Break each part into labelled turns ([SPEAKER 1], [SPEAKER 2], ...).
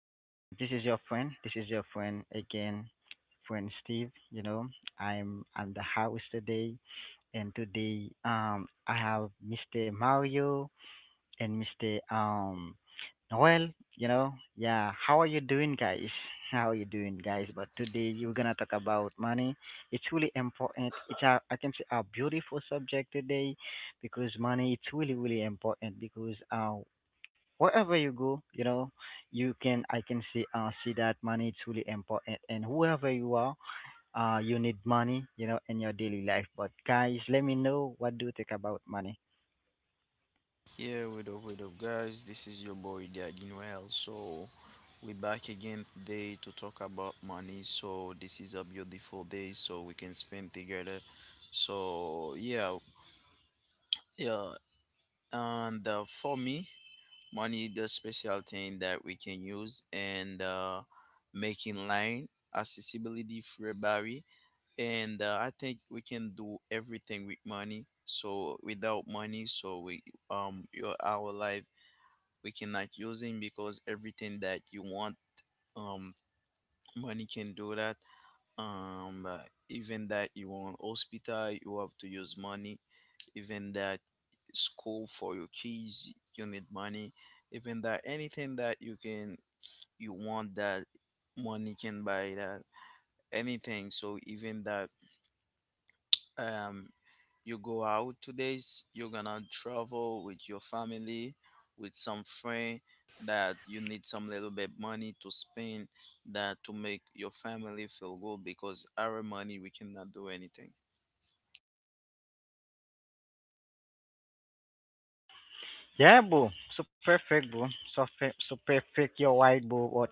[SPEAKER 1] This is your friend. This is your friend again, friend Steve. I'm at the house today, and today I have Mr. Mario and Mr. Noel. Yeah. How are you doing, guys? How are you doing, guys? But today you're gonna talk about money. It's really important. I can say a beautiful subject today because money it's really really important because wherever you go, you can I can see that money is really important and whoever you are, you need money, in your daily life. But guys, let me know what do you think about money.
[SPEAKER 2] Yeah, what up, guys? This is your boy Daddy Noel. So, we're back again today to talk about money. So, this is a beautiful day, so we can spend together. So, yeah, yeah. And For me, money is the special thing that we can use and making line accessibility for everybody. And I think we can do everything with money. So, without money, so we, your, our life, we cannot use using because everything that you want, um money can do that. um uh, Even that you want hospital, you have to use money. Even that school for your kids, you need money. Even that anything that you can, you want that, money can buy that. Anything. So even that, um you go out 2 days, you're gonna travel with your family, with
[SPEAKER 3] You
[SPEAKER 2] some
[SPEAKER 3] are, you
[SPEAKER 2] friend,
[SPEAKER 3] are good.
[SPEAKER 2] that you need some little bit money to spend, that to make your family feel good. Because our money, we cannot do anything.
[SPEAKER 1] Yeah, boo. So perfect, boo. So perfect, you're right, boo. What,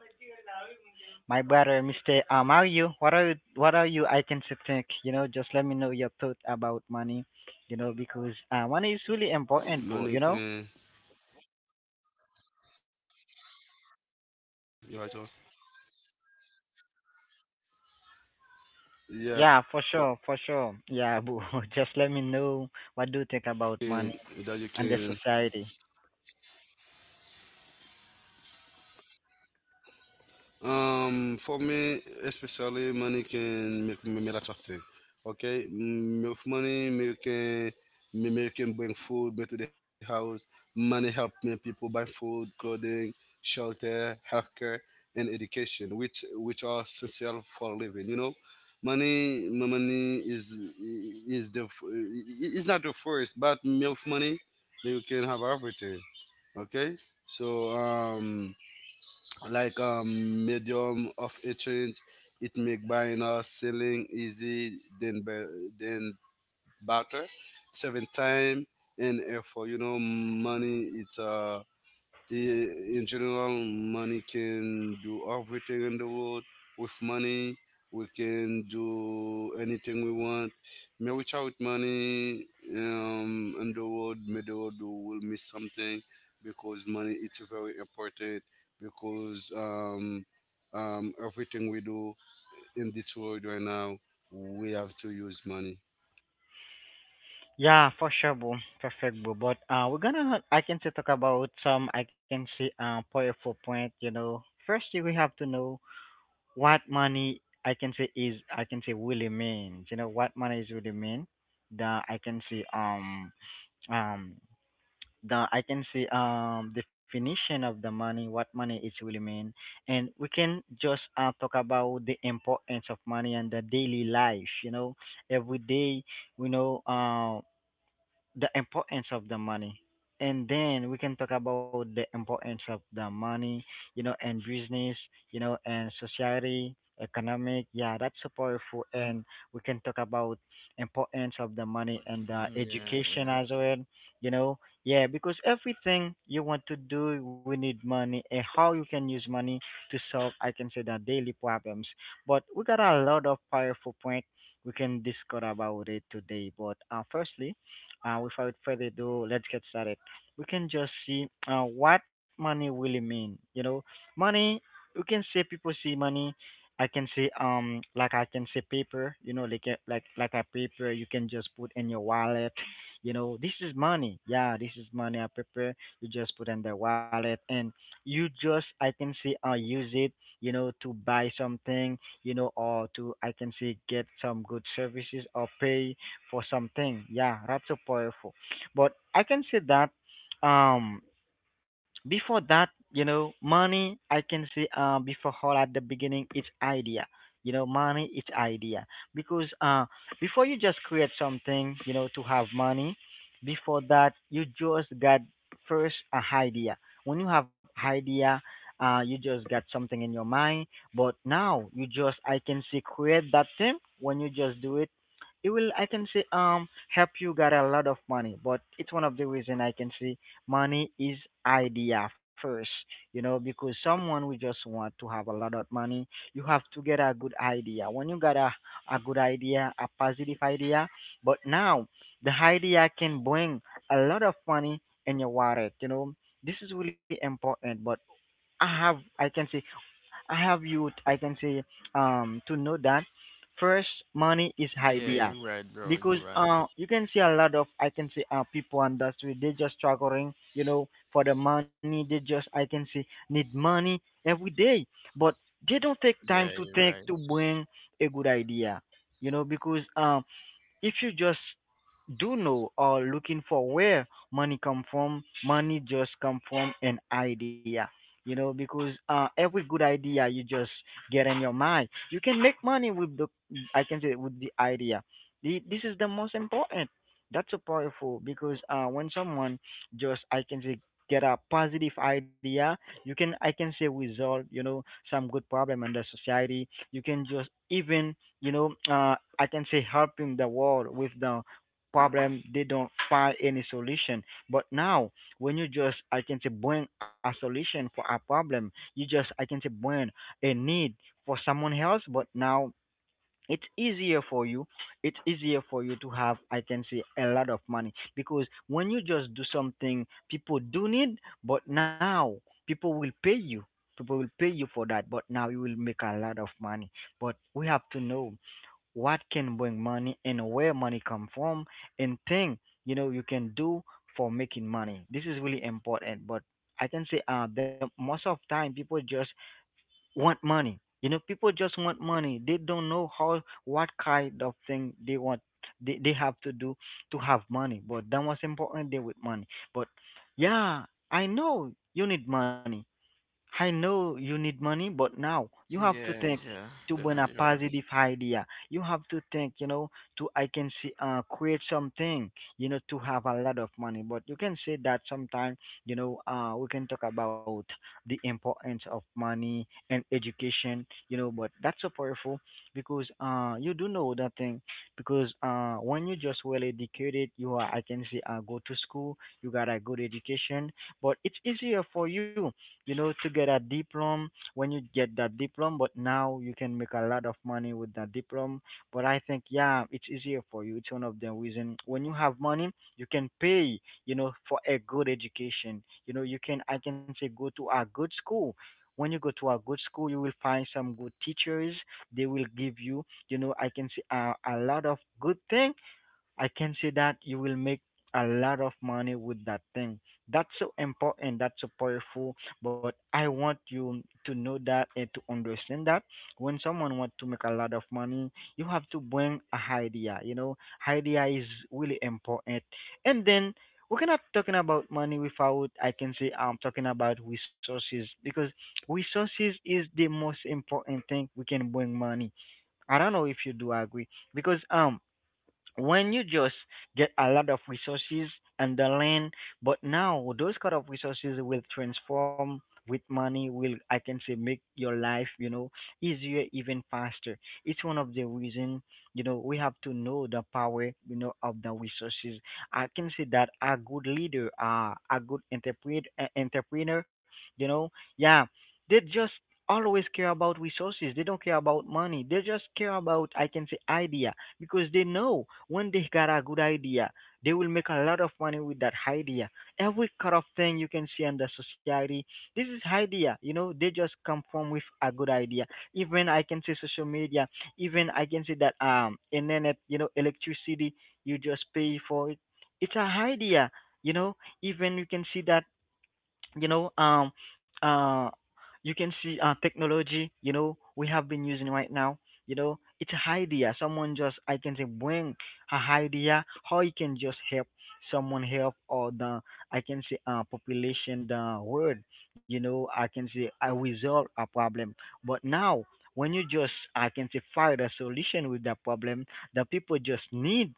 [SPEAKER 1] my brother, Mr. How are you? What are you, I can say, think?
[SPEAKER 3] Yeah, yeah, yeah.
[SPEAKER 1] Just
[SPEAKER 3] You
[SPEAKER 1] let me know
[SPEAKER 3] high,
[SPEAKER 1] your thought
[SPEAKER 3] you high,
[SPEAKER 1] about
[SPEAKER 3] so
[SPEAKER 1] money,
[SPEAKER 3] you right,
[SPEAKER 1] because
[SPEAKER 3] man.
[SPEAKER 1] money is really important, boo, you know?
[SPEAKER 3] Money can,
[SPEAKER 1] Yeah, for
[SPEAKER 3] yeah,
[SPEAKER 1] sure, for sure. Yeah, boo. Just let me know what do you
[SPEAKER 3] can
[SPEAKER 1] think about
[SPEAKER 3] that you
[SPEAKER 1] money
[SPEAKER 3] can
[SPEAKER 1] and the society.
[SPEAKER 3] For me, especially money can make me lots of things. Okay. With money, me can me can bring food me to the house. Money help me people buy food, clothing, shelter, healthcare, and education, which are essential for living. You know, money is is the f- is not the first, but me with money, me you can have everything. Okay, so um like medium of exchange. It make buying or selling easy than than barter. Seven time and effort. You know money. It's uh I- in general, money can do everything in the world. With money, we can do anything we want. May without money, in the world, may the world will miss something because money it's very important because everything we do in this world right now, we have to use money.
[SPEAKER 1] Yeah, for sure, boo. Perfect, boo. But we're gonna, I can say, talk about some, I can say, powerful point. First you will have to know what money, I can say, is. I can say really means. You know what money is really mean. The I can say um um the, I can say, definition of the money, what money is really mean, and we can just talk about the importance of money and the daily life. Every day we know. The importance of the money, and then we can talk about the importance of the money, you know, and business, you know, and society, economic. Yeah, that's so powerful and we can talk about importance of the money and the
[SPEAKER 2] Yeah,
[SPEAKER 1] education
[SPEAKER 2] yeah,
[SPEAKER 1] as well, you know. Yeah, because everything you want to do we need money, and how you can use money to solve, I can say, the daily problems, but we got a lot of powerful point we can discuss about it today. But firstly, without further ado, let's get started. We can just see what money really mean. You know, money. You can say people see money, I can say, like, I can say, paper. You know, like a, like a paper you can just put in your wallet. You know, this is money. Yeah, this is money. A paper you just put in the wallet and you just, I can say, use it. You know, to buy something. You know, or to, I can say, get some good services or pay for something. Yeah, that's so powerful. But I can say that um before that, you know, money, I can say, before all, at the beginning, it's idea. You know, money, it's idea. Because before you just create something, you know, to have money, before that, you just got first a idea. When you have idea, you just got something in your mind. But now, you just, I can say, create that thing. When you just do it, it will, I can say, help you get a lot of money. But it's one of the reason, I can say, money is idea first, you know, because someone who just want to have a lot of money, you have to get a good idea. When you got a good idea, a positive idea, but now the idea can bring a lot of money in your wallet, you know. This is really important, but I have, I can say, I have you, I can say, to know that first money is
[SPEAKER 2] yeah,
[SPEAKER 1] idea,
[SPEAKER 2] you're right, bro,
[SPEAKER 1] because
[SPEAKER 2] you're right.
[SPEAKER 1] you can see a lot of, I can say, people on the street, they just struggling, you know, for the money, they just, I can say, need money every day, but they don't take time
[SPEAKER 2] Yeah,
[SPEAKER 1] to
[SPEAKER 2] you're
[SPEAKER 1] think
[SPEAKER 2] right.
[SPEAKER 1] to bring a good idea, you know, because if you just do know or looking for where money come from, money just come from an idea, you know, because every good idea you just get in your mind, you can make money with the, I can say, with the idea. This is the most important. That's so powerful, because when someone just, I can say, get a positive idea, you can, I can say, resolve, you know, some good problem in the society. You can just even, you know, I can say helping the world with the problem they don't find any solution. But now, when you just, I can say, bring a solution for a problem, you just, I can say, bring a need for someone else. But now, it's easier for you. It's easier for you to have, I can say, a lot of money, because when you just do something people do need, but now people will pay you. People will pay you for that, but now you will make a lot of money, but we have to know what can bring money and where money come from and thing, you know, you can do for making money. This is really important, but, I can say, the most of time people just want money, you know, people just want money, they don't know how, what kind of thing they want, they have to do to have money, but that was important they with money, but yeah, I know you need money. I know you need money, but now you have to
[SPEAKER 2] Yeah,
[SPEAKER 1] think
[SPEAKER 2] yeah,
[SPEAKER 1] to bring
[SPEAKER 2] yeah,
[SPEAKER 1] a
[SPEAKER 2] you're right.
[SPEAKER 1] positive idea. You have to think, you know, to I can see create something, you know, to have a lot of money. But you can say that sometime, you know, we can talk about the importance of money and education, you know, but that's so powerful because you do know that thing, because when you just well educated, you are, I can say, go to school, you got a good education, but it's easier for you, you know, to get a diploma. When you get that diploma, but now you can make a lot of money with that diploma. But I think, yeah, it's easier for you. It's one of the reason when you have money, you can pay, you know, for a good education. You know, you can, I can say, go to a good school. When you go to a good school, you will find some good teachers. They will give you, you know, I can say, a lot of good thing, I can see, that you will make a lot of money with that thing. That's so important, that's so powerful. But I want you to know that and to understand that when someone wants to make a lot of money, you have to bring a idea. You know, idea is really important. And then we're not talking about money without, I can say, I'm talking about resources, because resources is the most important thing we can bring money. I don't know if you do agree, because when you just get a lot of resources and the land, but now those kind of resources will transform with money, will, I can say, make your life, you know, easier, even faster. It's one of the reason, you know, we have to know the power, you know, of the resources. I can say that a good leader, a good entrepreneur, you know, yeah, they just always care about resources. They don't care about money, they just care about, I can say, idea, because they know when they got a good idea, they will make a lot of money with that idea. Every kind of thing you can see in the society, this is idea. You know, they just come from with a good idea. Even, I can say, social media, even, I can say, that internet, you know, electricity, you just pay for it. It's a idea. You know, even you can see that, you know, uh you can see technology, you know, we have been using right now, you know, it's a idea, someone just, I can say, bring a idea, how you can just help someone, help or the, I can say, population the world, you know, I can say, I resolve a problem, but now when you just, I can say, find a solution with that problem, the people just need,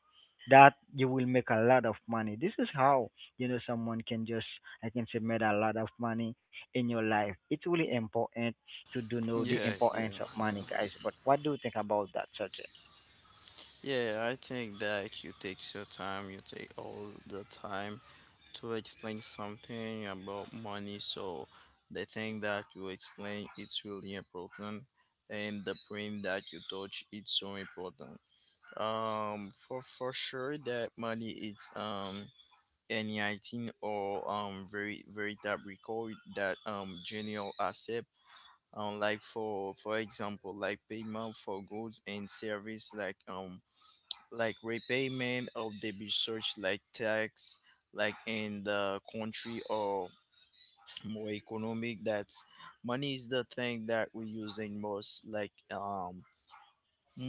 [SPEAKER 1] that you will make a lot of money. This is how, you know, someone can just, I can say, made a lot of money in your life. It's really important to do know the
[SPEAKER 2] Yeah, yeah,
[SPEAKER 1] importance of money,
[SPEAKER 2] yeah,
[SPEAKER 1] guys. But what do you think about that subject?
[SPEAKER 2] yeah, I think that you take your time, you take all the time to explain something about money. So the thing that you explain, it's really important, and the point that you touch, it's so important. For sure that money, it's NIT, or very very tab record, that general asset, like for example like payment for goods and service, like repayment of the research, like tax, like in the country, or more economic, that money is the thing that we're using most, like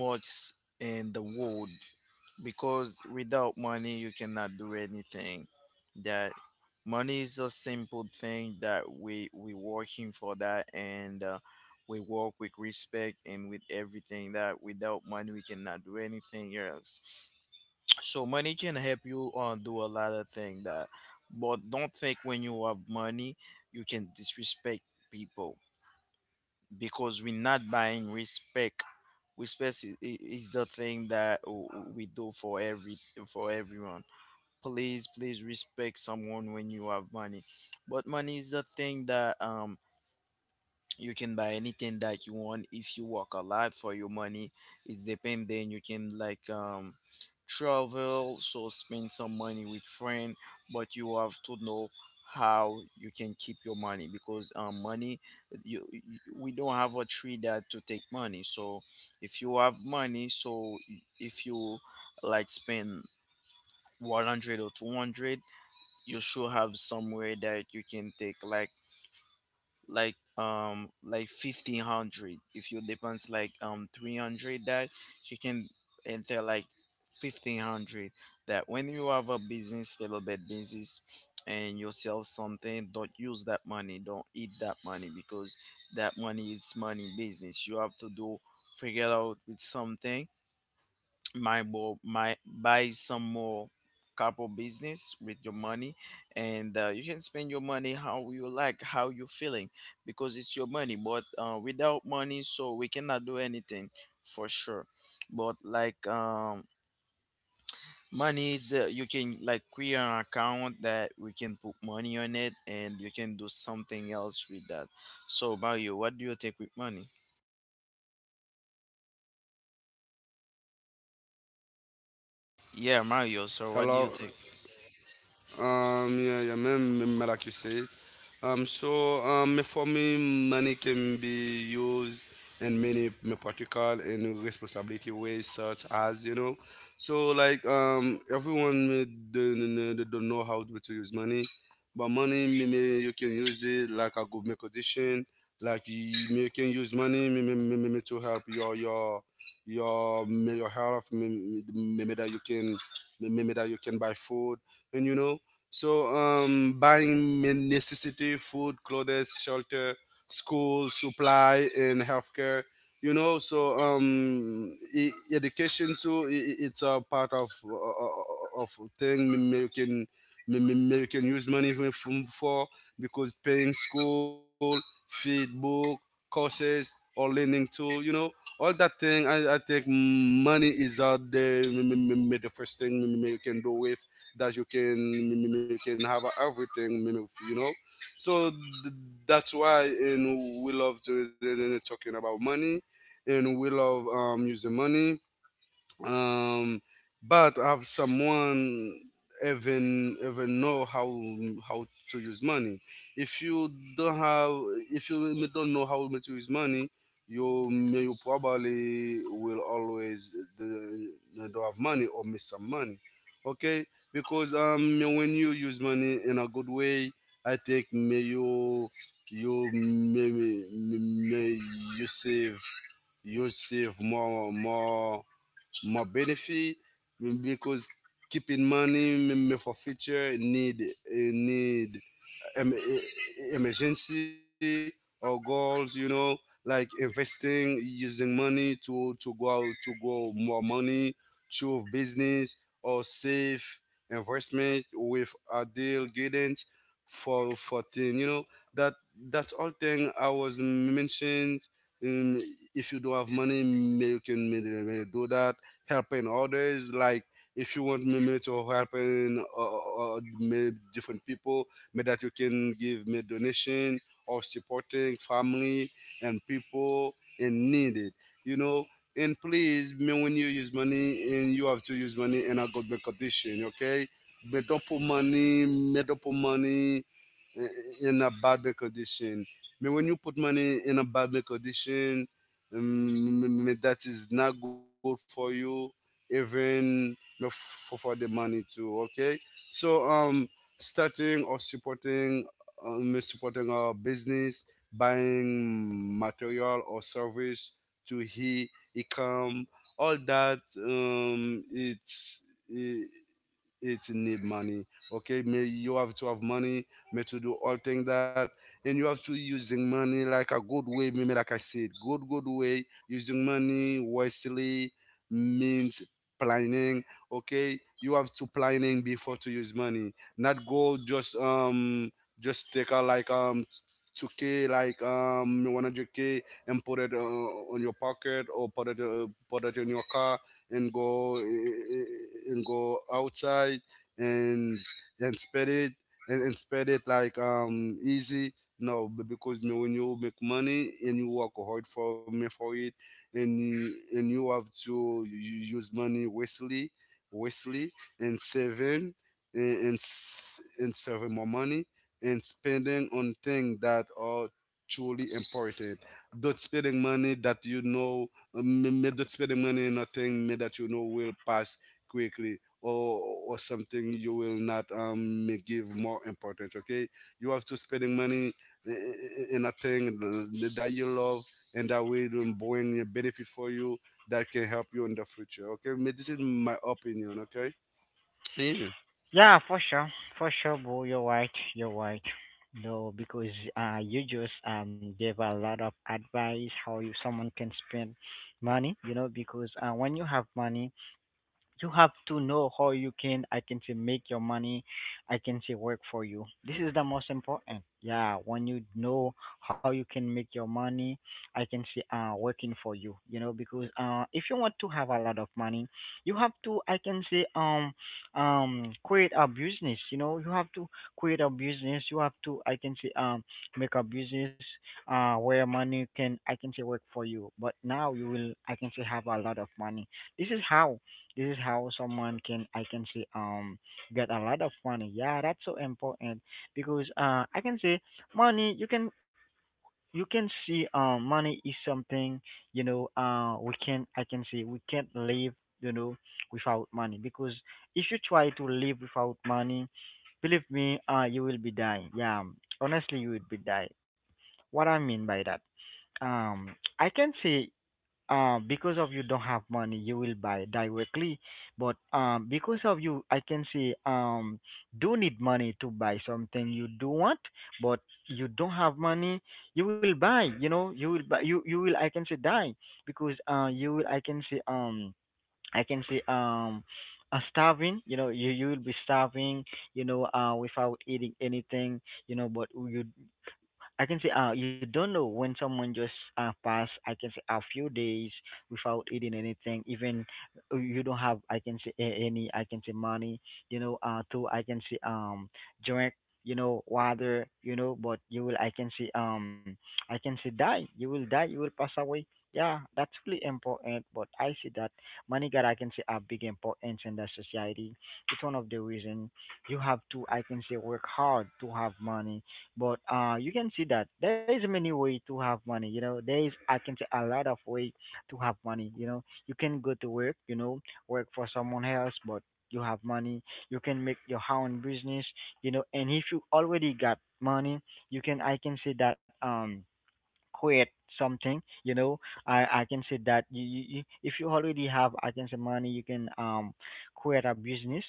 [SPEAKER 2] most in the world, because without money you cannot do anything. That money is a simple thing that we working for, that and we work with respect and with everything, that without money we cannot do anything else. So money can help you do a lot of things. That but don't think when you have money you can disrespect people, because we're not buying respect. Respect is, is the thing that we do for every, for everyone. Please, please respect someone when you have money. But money is the thing that, you can buy anything that you want if you work a lot for your money. It's depend. Then you can like, travel, so spend some money with friend. But you have to know how you can keep your money. Because money, you we don't have a tree that to take money. So if you have money, so if you like spend 100 or 200, you should have somewhere that you can take like, like 1500, if you depends like 300, that you can enter like 1500. That when you have a business, little bit business, and you sell something, don't use that money, don't eat that money, because that money is money business. You have to do figure out with something, might more, might buy some more, couple business with your money. And You can spend your money how you like, how you feeling, because it's your money. But without money, so we cannot do anything, for sure. But like, money is, you can like create an account that we can put money on it and you can do something else with that. So Mario, what do you think with money? Yeah Mario, so what do you
[SPEAKER 3] Hello.
[SPEAKER 2] think?
[SPEAKER 3] Yeah, yeah, man, like you said. So for me, money can be used in many me practical and responsibility ways, such as you know. So like everyone me they don't know how to use money, but money me, you can use it like a good me condition. Like you, me, you can use money me, to help your me, your health. Me, that you can me, that you can buy food and you know. So buying main necessity food, clothes, shelter, school supply, and healthcare. You know, so education too. It's a part of thing you can use money from for because paying school, feed book, courses, or learning tool. You know, all that thing I think money is out there the first thing you can do with that you can, you can have everything, you know. So that's why and we love to, talking about money and we love using money. um, but have someone even know how to use money. If you don't have, if you don't know how to use money, you may you probably will always the- don't have money or miss some money. Okay, because when you use money in a good way, I think may you you may you save, you save more, more benefit because keeping money maybe for future need, emergency or goals, you know, like investing, using money to go out to grow more money through business or save investment with ideal guidance for thing, you know, that that's all thing I was mentioned. um, if you don't have money, may you can may do that: helping others. Like if you want me to helping many different people, me that you can give me donation or supporting family and people in needed. You know, and please, me when you use money, and you have to use money in a good condition, okay? Me don't put money i- in a bad condition. Me when you put money in a bad condition, me that is not good for you, even for the money too, okay? So starting or supporting supporting a business, buying material or service, to he income, all that, it's it need money. Okay, may you have to have money may to do all thing that. And you have to using money like a good way, maybe like I said, good good way: using money wisely means planning. Okay, you have to planning before to use money, not go just just take a like 2K, like 100K, and put it on your pocket or put it in your car and go, and go outside and and spread it, and spread it like easy. No, because you know, when you make money and you work hard for me for it, and you have to you use money wastely, wastely, and saving and and saving more money, and spending on things that are truly important. Don't spending money that you know, may don't spend the money in nothing may that you know will pass quickly or something you will not, may give more importance. Okay, you have to spending money in a thing that you love, and that way it will bring a benefit for you that can help you in the future. Okay, may this is my opinion, okay? Yeah.
[SPEAKER 1] Yeah, for sure, bro. You're right. You're right. No, because you just gave a lot of advice how you someone can spend money. You know, because when you have money, you have to know how you can I can say make your money I can say work for you. This is the most important. Yeah, when you know how you can make your money I can say working for you, you know, because if you want to have a lot of money you have to I can say create a business, you know, you have to create a business, you have to I can say make a business where money can I can say work for you, but now you will I can say have a lot of money. This is how, this is how someone can I can say get a lot of money. Yeah, that's so important because I can say money you can, you can see money is something, you know, we can I can say we can't live, you know, without money, because if you try to live without money, believe me, you will be dying. Yeah, honestly, you will be dying. What I mean by that, I can say because of you don't have money, you will buy directly. But because of you, I can say do need money to buy something you do want, but you don't have money, you will buy. You know, you will buy. You will, I can say, die, because you will, I can say starving, you know, you will be starving, you know, without eating anything, you know, but you I can say, you don't know when someone just pass, I can say, a few days without eating anything. Even you don't have, I can say any, I can say, money. You know, to I can say drink. You know, water. You know, but you will, I can say die. You will die. You will pass away. Yeah, that's really important. But I see that money got, I can say, a big importance in the society. It's one of the reason you have to, I can say, work hard to have money, but you can see that there is many way to have money. You know, there is I can say a lot of way to have money. You know, you can go to work. You know, work for someone else, but you have money. You can make your own business. You know, and if you already got money, you can I can say that quit something, you know. I can say that you if you already have I can say money you can quit a business,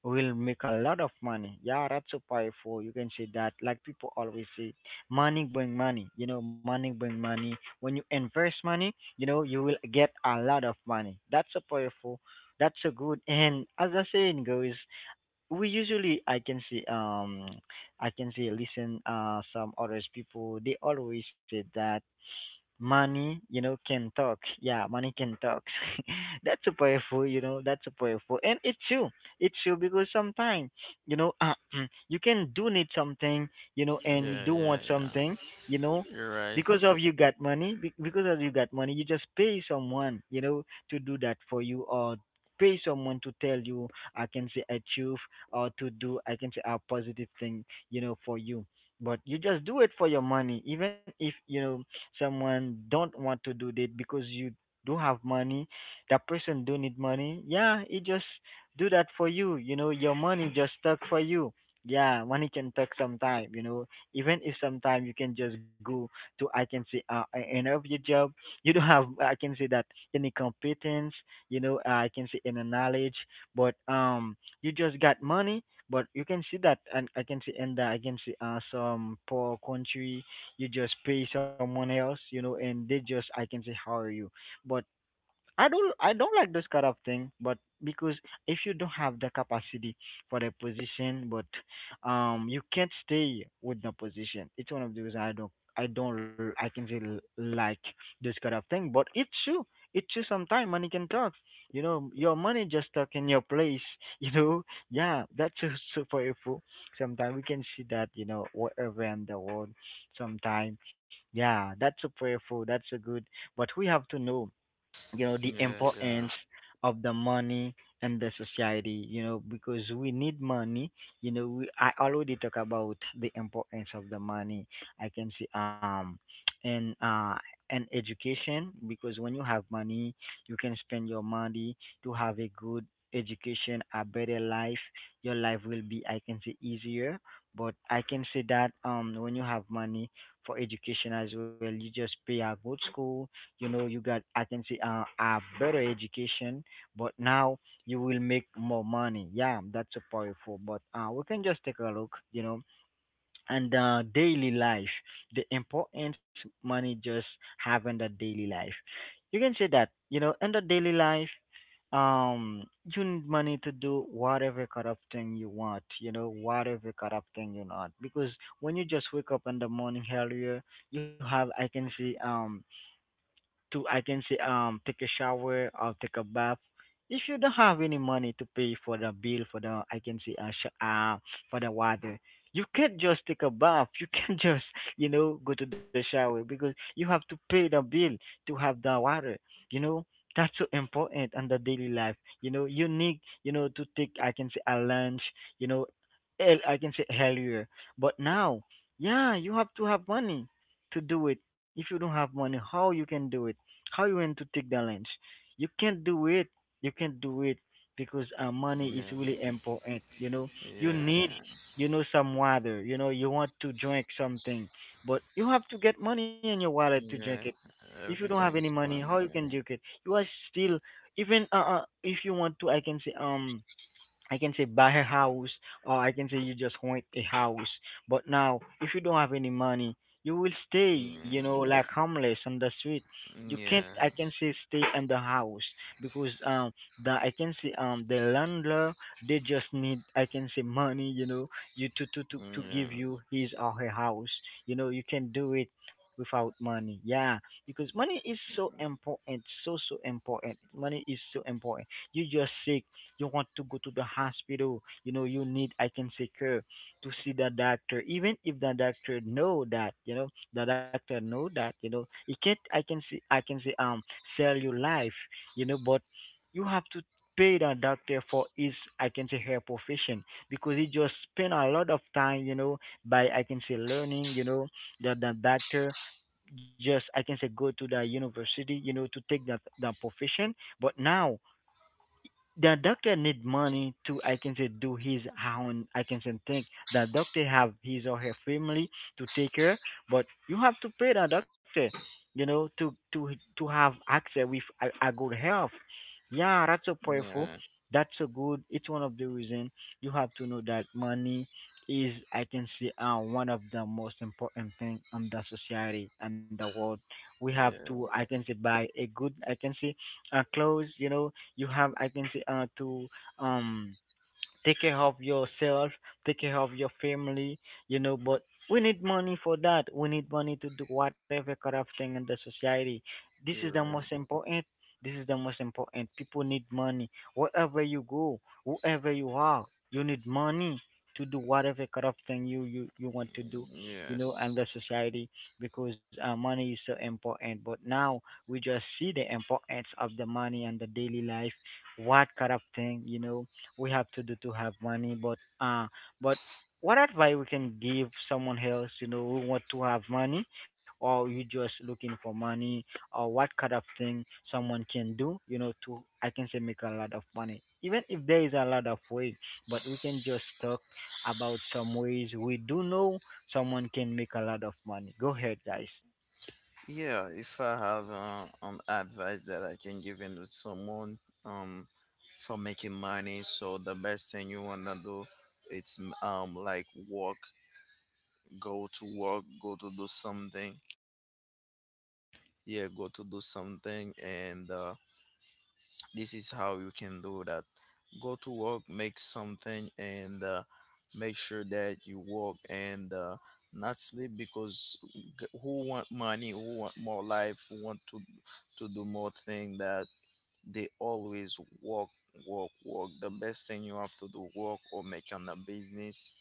[SPEAKER 1] will make a lot of money. Yeah, that's so powerful. You can say that, like people always say money bring money, you know, money bring money. When you invest money, you know, you will get a lot of money. That's so powerful. That's so good. And as the saying goes, we usually I can see I can say listen some others people, they always say that money, you know, can talk. Yeah, money can talk. That's so powerful, you know. That's so powerful, and it's true. It's true, because sometimes, you know, you can do need something, you know, and you
[SPEAKER 2] Yeah,
[SPEAKER 1] do want
[SPEAKER 2] yeah,
[SPEAKER 1] something,
[SPEAKER 2] yeah,
[SPEAKER 1] you know,
[SPEAKER 2] you're
[SPEAKER 1] because
[SPEAKER 2] right.
[SPEAKER 1] of you got money. Because of you got money, you just pay someone, you know, to do that for you, or pay someone to tell you, I can say, achieve, or to do, I can say, a positive thing, you know, for you. But you just do it for your money, even if you know someone don't want to do that, because you do have money, that person do need money. Yeah, he just do that for you, you know, your money just stuck for you. Yeah, money can talk sometime, you know. Even if sometime you can just go to I can say an of job, you don't have I can say that any competence, you know, I can say any knowledge, but you just got money. But you can see that, and I can see in the I can see some poor country, you just pay someone else, you know, and they just I can say hire you. But I don't like those kind of thing, but because if you don't have the capacity for the position, but you can't stay with the position. It's one of those I don't I can say like this kind of thing, but it's true. It's true. Sometimes money can talk. You know, your money just stuck in your place. You know, yeah, that's so super helpful. Sometimes we can see that. You know, wherever in the world, sometimes yeah, that's super helpful. That's so good. But we have to know, you know, the
[SPEAKER 2] Yeah,
[SPEAKER 1] importance
[SPEAKER 2] yeah.
[SPEAKER 1] of the money and the society, you know, because we need money. You know, we, I already talk about the importance of the money. I can see and uh and education, because when you have money you can spend your money to have a good education, a better life. Your life will be I can say easier. But I can say that when you have money for education as well, you just pay a good school, you know, you got I can say a better education, but now you will make more money. Yeah, that's a powerful. But we can just take a look, you know, and daily life, the importance money just having the daily life, you can say that, you know, in the daily life, um you need money to do whatever kind of thing you want, you know, whatever kind of thing you want, because when you just wake up in the morning earlier, you have I can see to I can say take a shower or take a bath. If you don't have any money to pay for the bill for the I can say for the water, you can't just take a bath. You can't just, you know, go to the shower, because you have to pay the bill to have the water. You know, that's so important on the daily life. You know, you need, you know, to take I can say a lunch. You know, I can say earlier, but now yeah you have to have money to do it. If you don't have money, how you can do it? How you want to take the lunch? You can't do it. You can't do it, because money is really
[SPEAKER 2] Yeah,
[SPEAKER 1] important. You know, you need,
[SPEAKER 2] yeah,
[SPEAKER 1] you know, some water. You know, you want to drink something, but you have to get money in your wallet to drink
[SPEAKER 2] yeah,
[SPEAKER 1] it.
[SPEAKER 2] yeah.
[SPEAKER 1] If you don't have any
[SPEAKER 2] Everything's
[SPEAKER 1] money, how
[SPEAKER 2] fun.
[SPEAKER 1] you can drink it? You are still even if you want to, I can say buy a house, or I can say you just want a house. But now, if you don't have any money, you will stay, you know, like
[SPEAKER 2] Yeah,
[SPEAKER 1] homeless on the street. You can't, I can
[SPEAKER 2] yeah,
[SPEAKER 1] say, stay in the house, because the I can say the landlord, they just need I can say money, you know, you to give
[SPEAKER 2] yeah,
[SPEAKER 1] you his or her house. You know, you can do it without money. Yeah, because money is so important, so so important. Money is so important, you just say you want to go to the hospital. You know, you need I can say care to see the doctor, even if the doctor know that, you know, the doctor know that, you know, he can't I can see I can say sell your life, you know, but you have to pay the doctor for his I can say her profession, because he just spend a lot of time, you know, by I can say learning, you know, that the doctor just I can say go to the university, you know, to take that the profession. But now the doctor need money to I can say do his own I can say thing. The doctor have his or her family to take care, but you have to pay the doctor, you know, to have access with a good health. Yeah, that's so powerful.
[SPEAKER 2] yeah,
[SPEAKER 1] That's so good. It's one of the reason you have to know that money is I can say one of the most important thing in the society and the world. We have to I
[SPEAKER 2] yeah.
[SPEAKER 1] can say buy a good I can say clothes, you know, you have, I can say, to um take care of yourself, take care of your family, you know, but we need money for that. We need money to do whatever kind of thing in the society. This is the
[SPEAKER 2] You're
[SPEAKER 1] most
[SPEAKER 2] right.
[SPEAKER 1] important. This is the most important. People need money. Wherever you go, whoever you are, you need money to do whatever kind of thing you want to do, you know, and the
[SPEAKER 2] Yes.
[SPEAKER 1] society because money is so important. But now we just see the importance of the money and the daily life, what kind of thing, you know, we have to do to have money, but what advice we can give someone else, you know, who want to have money, or you just looking for money, or what kind of thing someone can do, you know, to I can say make a lot of money. Even if there is a lot of ways, but we can just talk about some ways we do know someone can make a lot of money. Go ahead, guys.
[SPEAKER 2] Yeah, if I have an advice that I can give in to someone, um for making money, so the best thing you wanna do, it's like work, go to do something. Yeah, go to do something and this is how you can do that. Go to work, make something, and make sure that you work, and not sleep. Because who want money, who want more life, who want to do more thing, that they always work, work, work. The best thing you have to do, work or make on a business,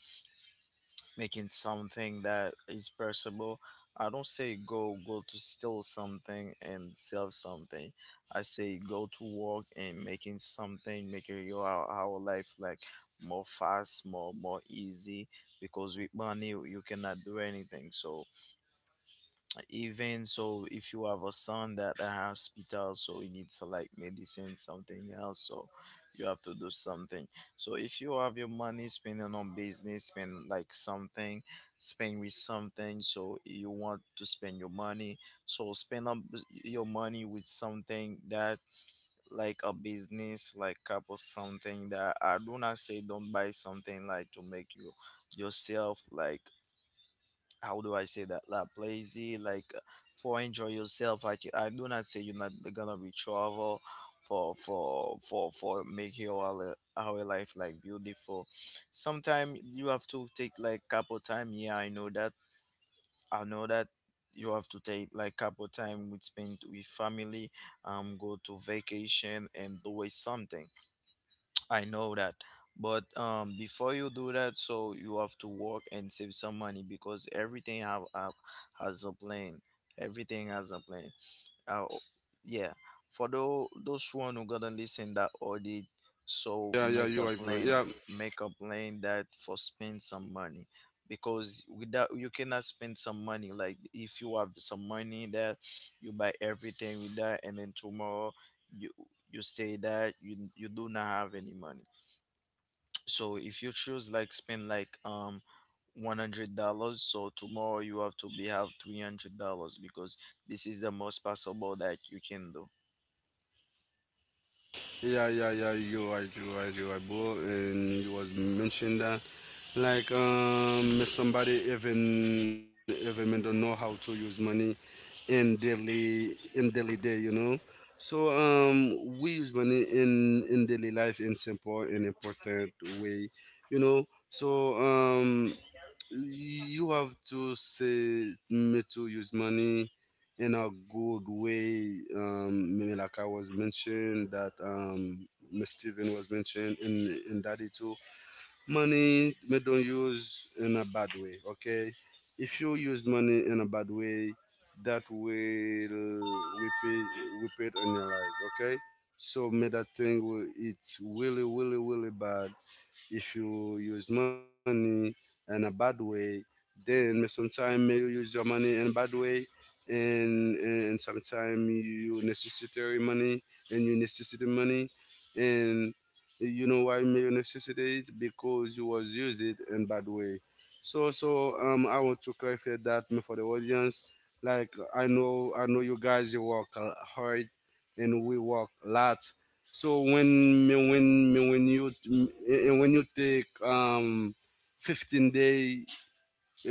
[SPEAKER 2] making something that is perishable. I don't say go go to steal something and sell something. I say go to work and making something, making your our life like more fast, more more easy. Because with money you cannot do anything. So even so if you have a son that a hospital, so he needs to like medicine something else, so you have to do something. So if you have your money, spending on business, spend like something, spend with something, so you want to spend your money, so spend up your money with something that, like a business, like cup or something. That I do not say don't buy something like to make you yourself like, how do I say that, like lazy, like for enjoy yourself. Like I do not say you're not gonna be travel for make your our life like beautiful. Sometimes you have to take like couple time. Yeah, I know that, I know that. You have to take like couple time with spend with family, go to vacation and do something. I know that. But before you do that, so you have to work and save some money, because everything have has a plan. Everything has a plan. Uh, yeah. For those one who gonna
[SPEAKER 3] yeah
[SPEAKER 2] listen
[SPEAKER 3] yeah
[SPEAKER 2] that
[SPEAKER 3] you're right,
[SPEAKER 2] audit,
[SPEAKER 3] bro. Yeah
[SPEAKER 2] so make a plan. Make a plan that for spend some money, because without, you cannot spend some money. Like if you have some money that you buy everything with that, and then tomorrow you, you stay that you do not have any money. So if you choose like spend like $100, so tomorrow you have to be have $300, because this is the most possible that you can do.
[SPEAKER 3] Yeah, yeah, yeah. You're right. You're right. You're right, bro. And you was mentioned that, like, somebody even may don't know how to use money in daily day. You know. So we use money in daily life in simple and important way. You know. So you have to say me to use money in a good way, maybe like I was mentioned that, Miss Steven was mentioned in daddy too. Money, me, don't use in a bad way, okay? If you use money in a bad way, that will repeat repeat on your life, okay? So me that thing it's really really really bad if you use money in a bad way, then sometimes you use your money in a bad way, and sometimes you necessary money and you necessitate money, and you know why may you necessitate it, because you was use it in bad way. So so I want to clarify that for the audience. Like I know, I know you guys you work hard and we work a lot. So when you and when you take 15 day,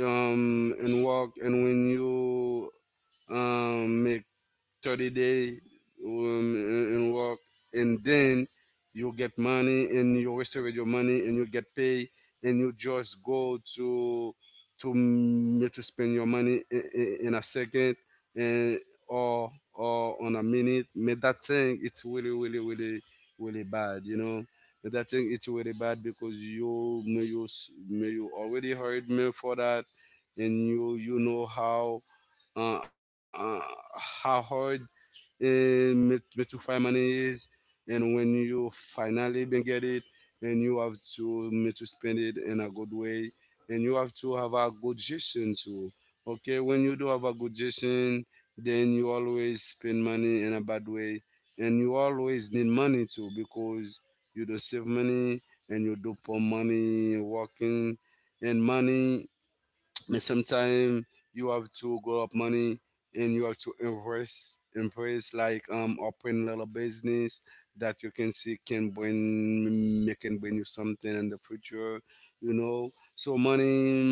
[SPEAKER 3] and walk, and when you make 30 day, and work, and then you get money, and you receive your money and you get paid, and you just go to to spend your money in a second and or on a minute. But that thing it's really really really bad, you know? But that thing it's really bad because you may you may you already heard me for that, and you know uh, uh, how hard, it- where to find money is, and when you finally been get it, and you have to me to spend it in a good way, and you have to have a good gestion too. Okay, when you do have a good gestion, then you always spend money in a bad way, and you always need money too because you don't save money and you do poor money working, and money, but sometimes you have to grow up money and you have to invest like open little business that you can see can bring it, can bring you something in the future. You know, so money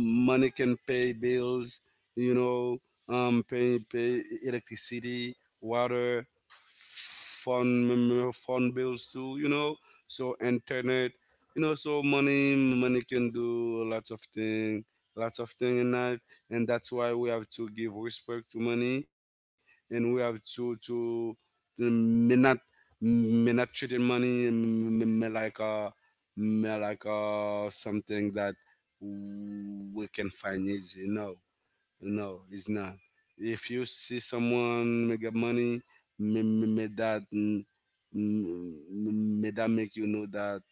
[SPEAKER 3] money can pay bills, you know, pay, pay electricity, water, phone bills too, you know, so internet, you know. So money can do lots of things, lots of things in life, and that's why we have to give respect to money, and we have to may not, may not treat in money, may like a, may like a something that we can find easy. No, no, it's not. If you see someone make a money, may, may may that mm, mm, may that make you know that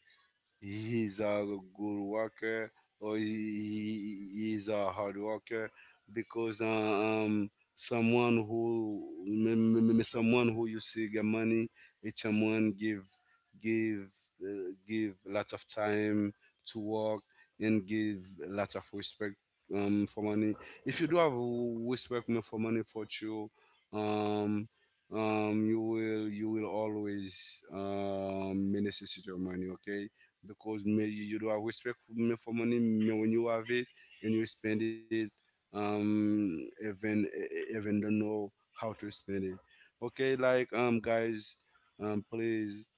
[SPEAKER 3] he's a good worker, or he's a hard worker, because someone who m- m- m- someone who you see get money, it's someone give give lots of time to work, and give lots of respect for money. If you do have respect for money for you, um you will always necessitate your money. Okay. Because me, you do have respect for money me when you have it, and you spend it, um even don't know how to spend it. Okay, like guys, please,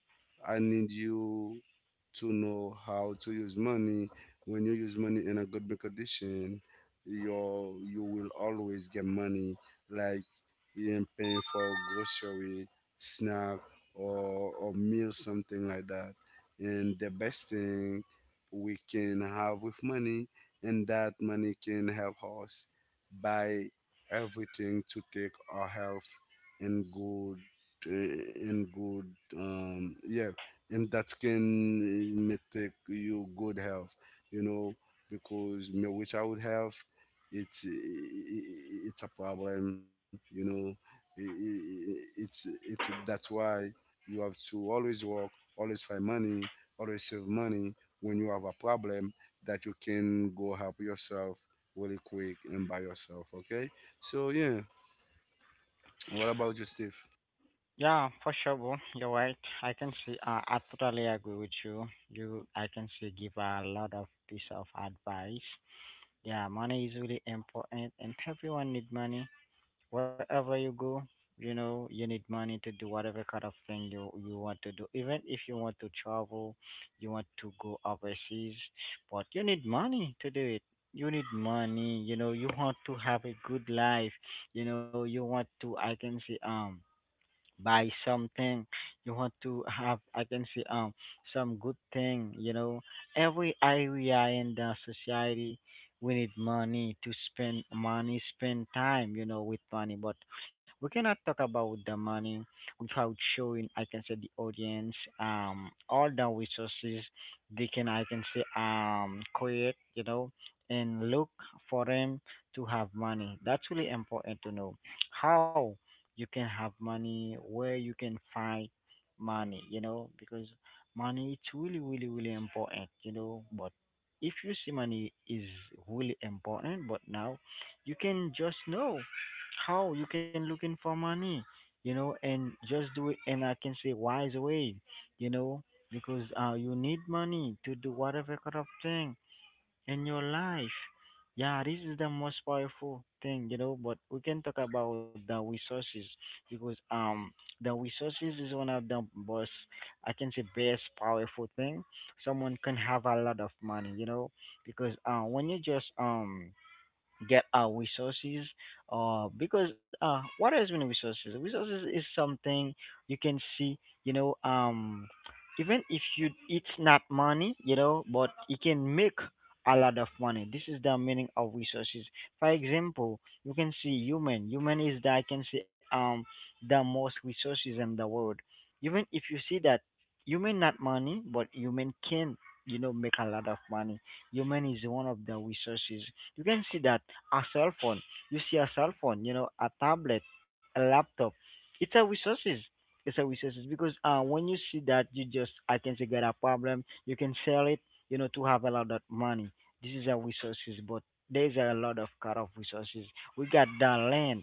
[SPEAKER 3] I need you to know how to use money. When you use money in a good condition, you will always get money, like you're paying for grocery, snack, or meal, something like that. And the best thing we can have with money, and that money can help us buy everything to take our health, and good and good, yeah. And that can may take you good health, you know, because me without health, it's a problem, you know it's that's why you have to always work, always find money, or receive money when you have a problem, that you can go help yourself really quick and by yourself. Okay. So yeah, what about you, Steve?
[SPEAKER 1] Yeah, for sure, bro. You're right. I can see. I totally agree with you. You, I can see, give a lot of piece of advice. Yeah, money is really important, and everyone need money. Wherever you go, you know, you need money to do whatever kind of thing you want to do. Even if you want to travel, you want to go overseas, but you need money to do it. You need money. You know, you want to have a good life. You know, you want to. I can see. Buy something, you want to have I can say some good thing, you know, every area in the society, we need money to spend money, spend time, you know, with money, but we cannot talk about the money without showing I can say the audience all the resources they can I can say create, you know, and look for them to have money. That's really important to know how you can have money, where you can find money, you know, because money, it's really, really, really important, you know. But if you see money is really important, but now you can just know how you can looking for money, you know, and just do it. And I can say wise way, you know, because you need money to do whatever kind of thing in your life. Yeah, this is the most powerful thing, you know, but we can talk about the resources because the resources is one of the most I can say best powerful thing. Someone can have a lot of money, you know, because when you just get our resources, because what has been resources, resources is something you can see, you know. Even if you, it's not money, you know, but you can make a lot of money. This is the meaning of resources. For example, you can see human, human is the I can say the most resources in the world. Even if you see that human not money, but human can, you know, make a lot of money. Human is one of the resources. You can see that a cell phone. You see a cell phone, you know, a tablet, a laptop. It's a resources. It's a resources because when you see that, you just I can say got a problem. You can sell it, you know, to have a lot of money. This is a resources, but there's a lot of cut off resources. We got the land,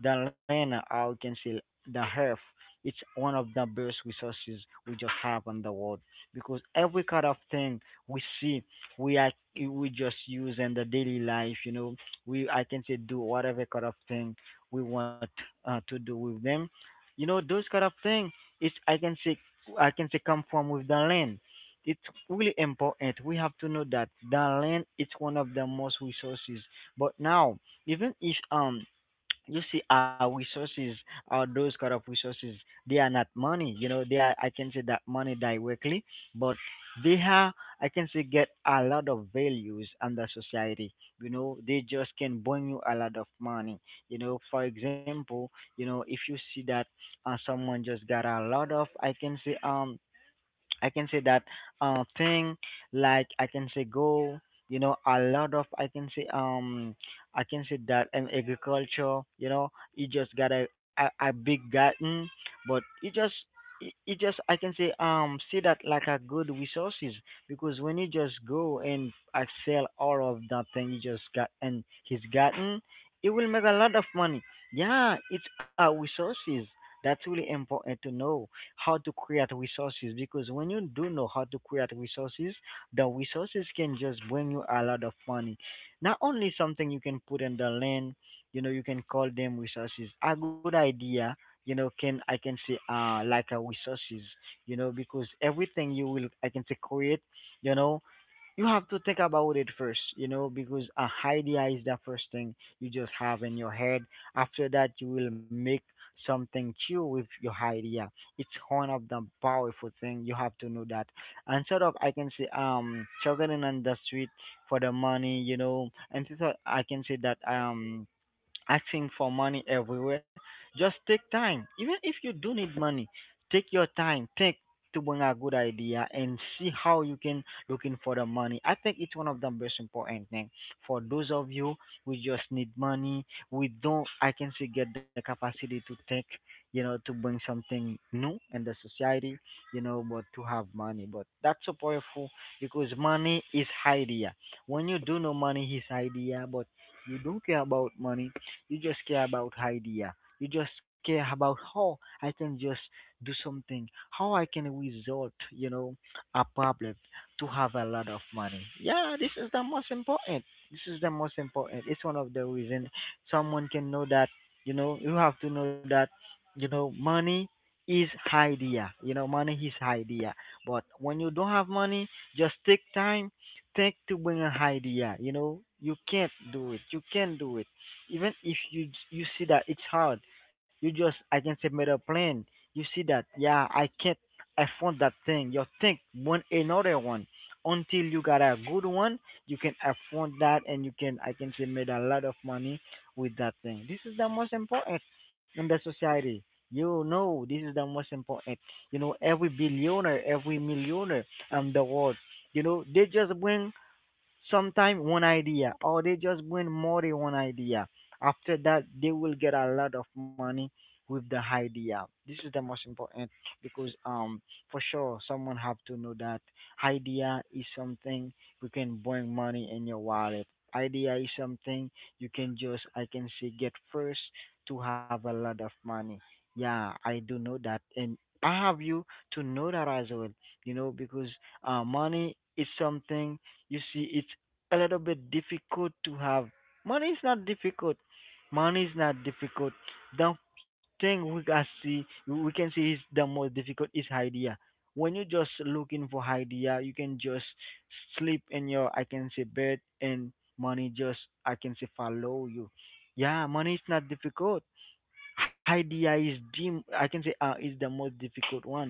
[SPEAKER 1] the land. I can say the earth. It's one of the best resources we just have on the world because every kind of thing we see, we are, we just use in the daily life, you know. We I can say do whatever kind of thing we want, to do with them. You know, those kind of thing is I can say come from with the land. It's really important. We have to know that the land is one of the most resources. But now, even if you see our resources, our those kind of resources, they are not money, you know, they are I can say that money directly, but they have I can say get a lot of values under society, you know, they just can bring you a lot of money, you know. For example, you know, if you see that, someone just got a lot of I can say I can say that thing, like I can say go, you know, a lot of I can say that in agriculture, you know, you just got a big garden, but you just, it just I can say see that like a good resources, because when you just go and I sell all of that thing you just got and his garden, it will make a lot of money. Yeah, it's our resources. That's really important to know how to create resources, because when you do know how to create resources, the resources can just bring you a lot of money. Not only something you can put in the land, you know, you can call them resources. A good idea, you know, can I can say like a resources, you know, because everything you will I can say create, you know, you have to think about it first, you know, because a idea is the first thing you just have in your head. After that, you will make something true with your idea. It's one of the powerful thing. You have to know that. And sort of, I can say, struggling on the street for the money, you know, and so I can say that, asking for money everywhere. Just take time. Even if you do need money, take your time. Think to bring a good idea and see how you can looking for the money. I think it's one of the most important thing for those of you who just need money. We don't. I can see get the capacity to think. You know, to bring something new in the society. You know, but to have money. But that's so powerful because money is idea. When you do know money is idea, but you don't care about money, you just care about idea. You just care about how I can just do something, how I can resort, you know, a problem to have a lot of money. Yeah, this is the most important. This is the most important. It's one of the reason someone can know that, you know, you have to know that, you know, money is idea. You know, money is idea. But when you don't have money, just take time, take to bring an idea. You know, you can't do it. You can not do it. Even if you see that it's hard, you just I can submit a plan, you see that, yeah, I can't, I found that thing, you think one another one until you got a good one. You can afford that and you can I can say made a lot of money with that thing. This is the most important in the society, you know. This is the most important, you know. Every billionaire, every millionaire, the world, you know, they just bring sometimes one idea, or they just bring more than one idea. After that they will get a lot of money with the idea. This is the most important because for sure, someone have to know that idea is something you can bring money in your wallet. Idea is something you can just I can say get first to have a lot of money. Yeah, I do know that, and I have you to know that as well, you know, because money is something you see it's a little bit difficult to have. Money is not difficult. Money is not difficult. The thing we can see, we can see is the most difficult is idea. When you just looking for idea, you can just sleep in your I can say bed, and money just I can say follow you. Yeah, money is not difficult. Idea is the I can say is the most difficult one.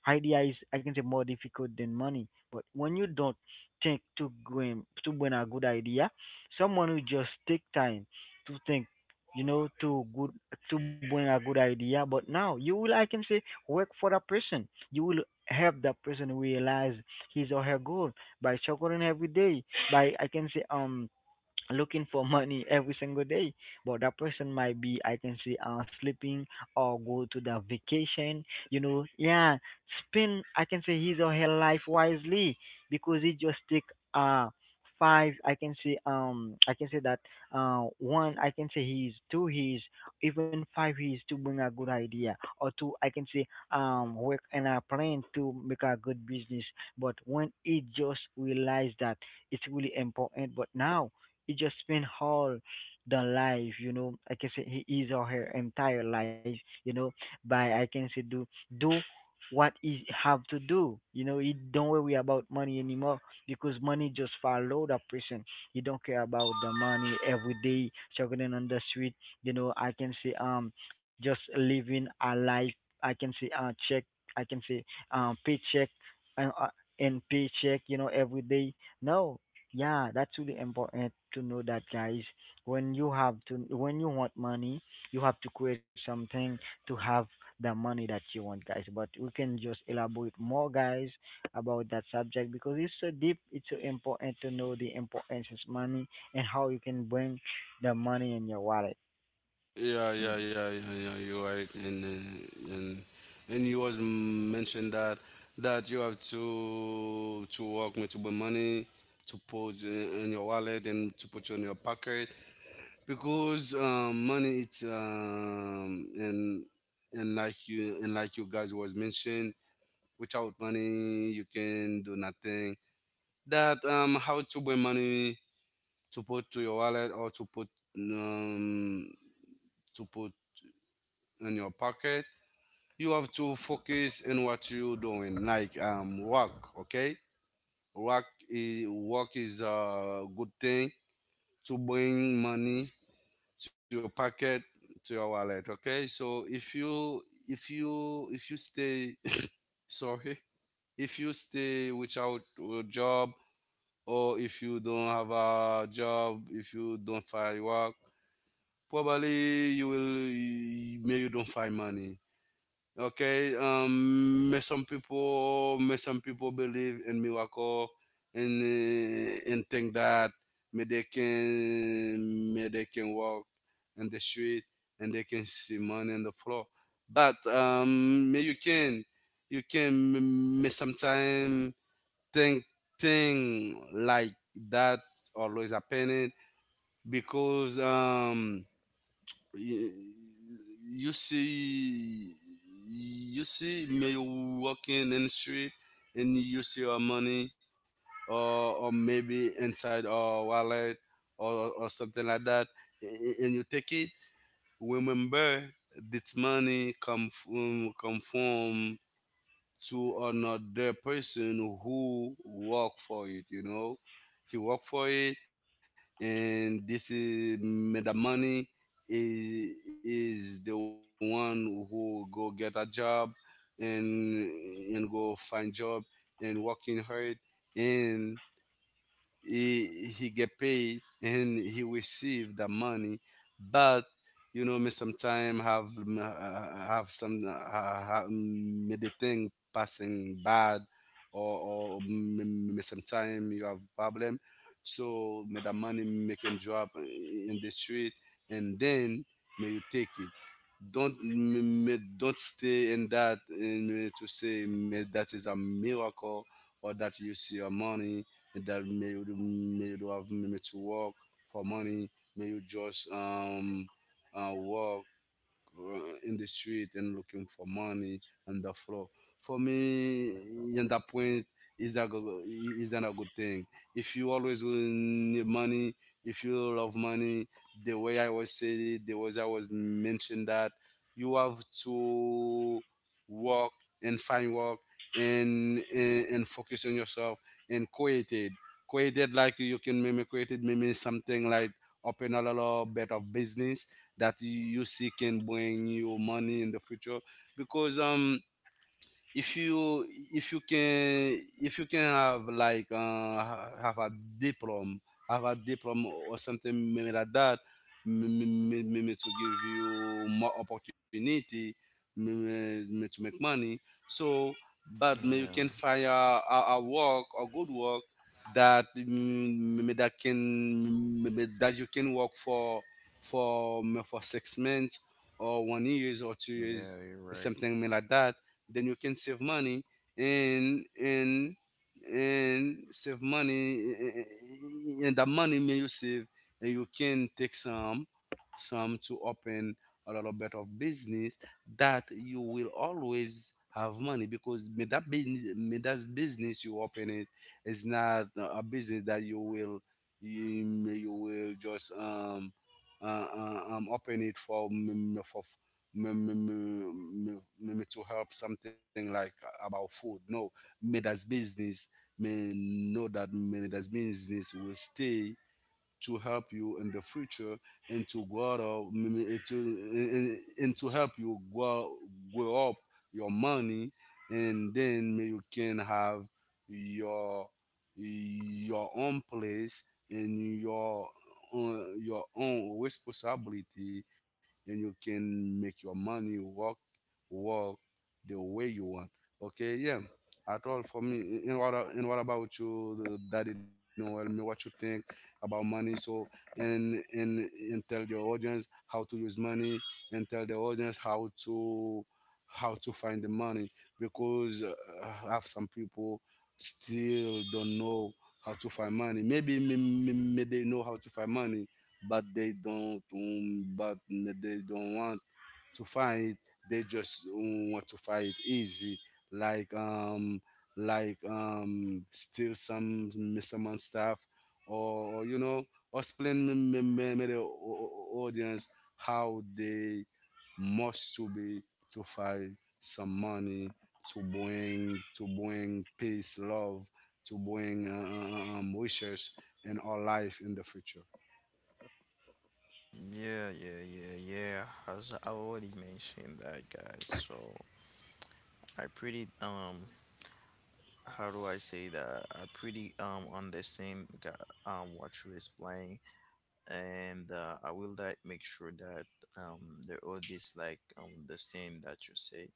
[SPEAKER 1] Idea is I can say more difficult than money. But when you don't think to going to win a good idea, someone will just take time to think, you know, to good to bring a good idea. But now you will I can say work for that person. You will help that person realize his or her goal by struggling every day. By I can say looking for money every single day. But that person might be, I can say, sleeping or go to the vacation. You know, yeah, spend, I can say, his or her life wisely because it just take uh five. I can say that one, I can say he is two, he is even five, he is to bring a good idea or two, I can say, work and a plan to make a good business. But when it just realized that it's really important, but now he just spent all the life, you know, I can say he is or her entire life, you know, by I can say do what he have to do. You know, he don't worry about money anymore because money just follow that person. He don't care about the money every day, struggling on the street. You know, I can say just living a life. I can say check. I can say paycheck and uh, and paycheck. You know, every day. No, yeah, that's really important to know that, guys. When you have to, when you want money, you have to create something to have the money that you want, guys. But we can just elaborate more, guys, about that subject because it's so deep. It's so important to know the importance of money and how you can bring the money in your wallet.
[SPEAKER 3] Yeah,
[SPEAKER 2] Mm,
[SPEAKER 3] yeah, yeah, yeah, yeah. You're right, and and you was mentioned that you have to work with your money, to put in your wallet and to put you in your pocket, because money it's, and like you, and like you guys was mentioned, without money you can do nothing. That, how to bring money, to put to your wallet, or to put, um to put in your pocket, you have to focus in what you doing, like work. Okay. Work is a good thing to bring money to your pocket, to your wallet. Okay, so if you stay sorry, if you stay without a job, or if you don't have a job, if you don't find work, probably you will, maybe you don't find money. Okay, may some people believe in miracle, and think that may they can walk in the street and they can see money on the floor. But may you can, you can may sometimes thing thing like that always happening, because you, you see you see me walking in the street and you see your money, or maybe inside our wallet, or something like that, and you take it. Remember, this money come from to another person who work for it, you know. He work for it, and this is made the money is the one who go get a job, and and go find job, and working hard, and he get paid and he receive the money. But you know, me sometime have some made the thing passing bad, or me sometime you have problem. So may the money making drop in the street, and then may you take it. Don't m- m- Don't stay in that and to say may that is a miracle, or that you see your money, that may you do have made to work for money. May you just work in the street and looking for money on the floor. For me, in that point, is that a good thing? If you always will need money, if you love money, the way I was said it, the way I was mentioned that you have to work and find work, and focus on yourself and created, like you can maybe created maybe something like open a lot of better business, that you see can bring you money in the future. Because if you if you can have like have a diploma, have a diploma or something maybe like that, maybe, to give you more opportunity, maybe, to make money. So but may you
[SPEAKER 2] yeah,
[SPEAKER 3] can find a good work, that maybe that can maybe that you can work for 6 months, or 1 years, or 2 years,
[SPEAKER 2] yeah, you're right.
[SPEAKER 3] something like that. Then you can save money, and and and save money and the money may you save, and you can take some, to open a little bit of business, that you will always have money, because may that business you open it is not a business that you will just, uh, open it for me, me, me, me, me me to help something like about food. No, me that's business. Me know that me that's business will stay to help you in the future, and to grow up, and to, and to help you grow up your money. And then may you can have your your own place, and your own responsibility, and you can make your money work the way you want. Okay, yeah. At all for me. And what a- and what about you, Daddy Noel? Me, what you think about money? So and and and tell your audience how to use money, and tell the audience how to, find the money, because I have some people still don't know how to find money. Maybe me, me, me they know how to find money, but they don't want to find, they just want to find easy, like steal someone stuff, or you know, or explain the audience how they must to be, to find some money, to bring, peace, love, to bring wishes in our life in the future.
[SPEAKER 2] Yeah, yeah, yeah, yeah. As I already mentioned that, guys, so I pretty, how do I say that, I pretty understand, what you explain. And I will like make sure that, the audience like, understand that you say.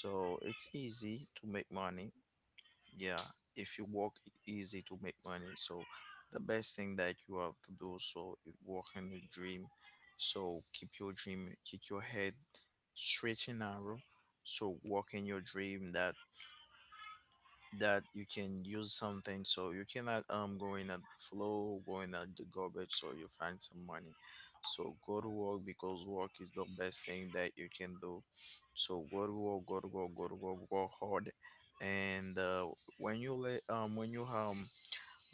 [SPEAKER 2] So it's easy to make money. Yeah, if you work, it's easy to make money. So the best thing that you have to do, so, is work in the dream. So keep your dream, keep your head straight and narrow. So work in your dream, that that you can use something, so you cannot go in at the flow, going at the garbage, so you find some money. So go to work, because work is the best thing that you can do. So go to work, go to work, go to work, work hard. And When you let when you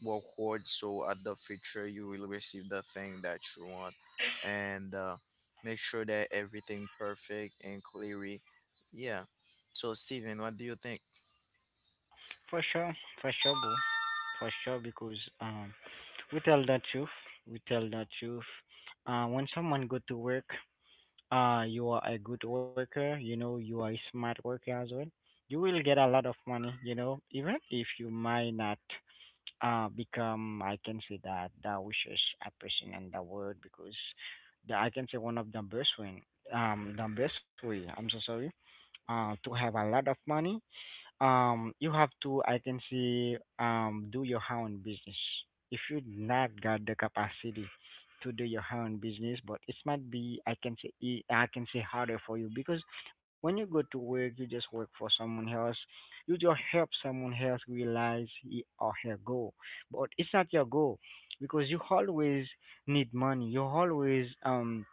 [SPEAKER 2] work hard, so at the future you will receive the thing that you want. And Make sure that everything perfect and clearly. Yeah. So Steven, what do you think?
[SPEAKER 1] For sure, for sure, bro. For sure, because we tell the truth. We tell the truth. When someone go to work, you are a good worker, you know, you are a smart worker as well, you will get a lot of money, you know, even if you might not become, I can say that, the richest a person in the world because the, I can say one of the best way, I'm so sorry, to have a lot of money you have to I can see do your own business. If you not got the capacity to do your own business, but it might be I can say I can say harder for you because when you go to work you just work for someone else. You just help someone else realize he or her goal, but it's not your goal because you always need money, you always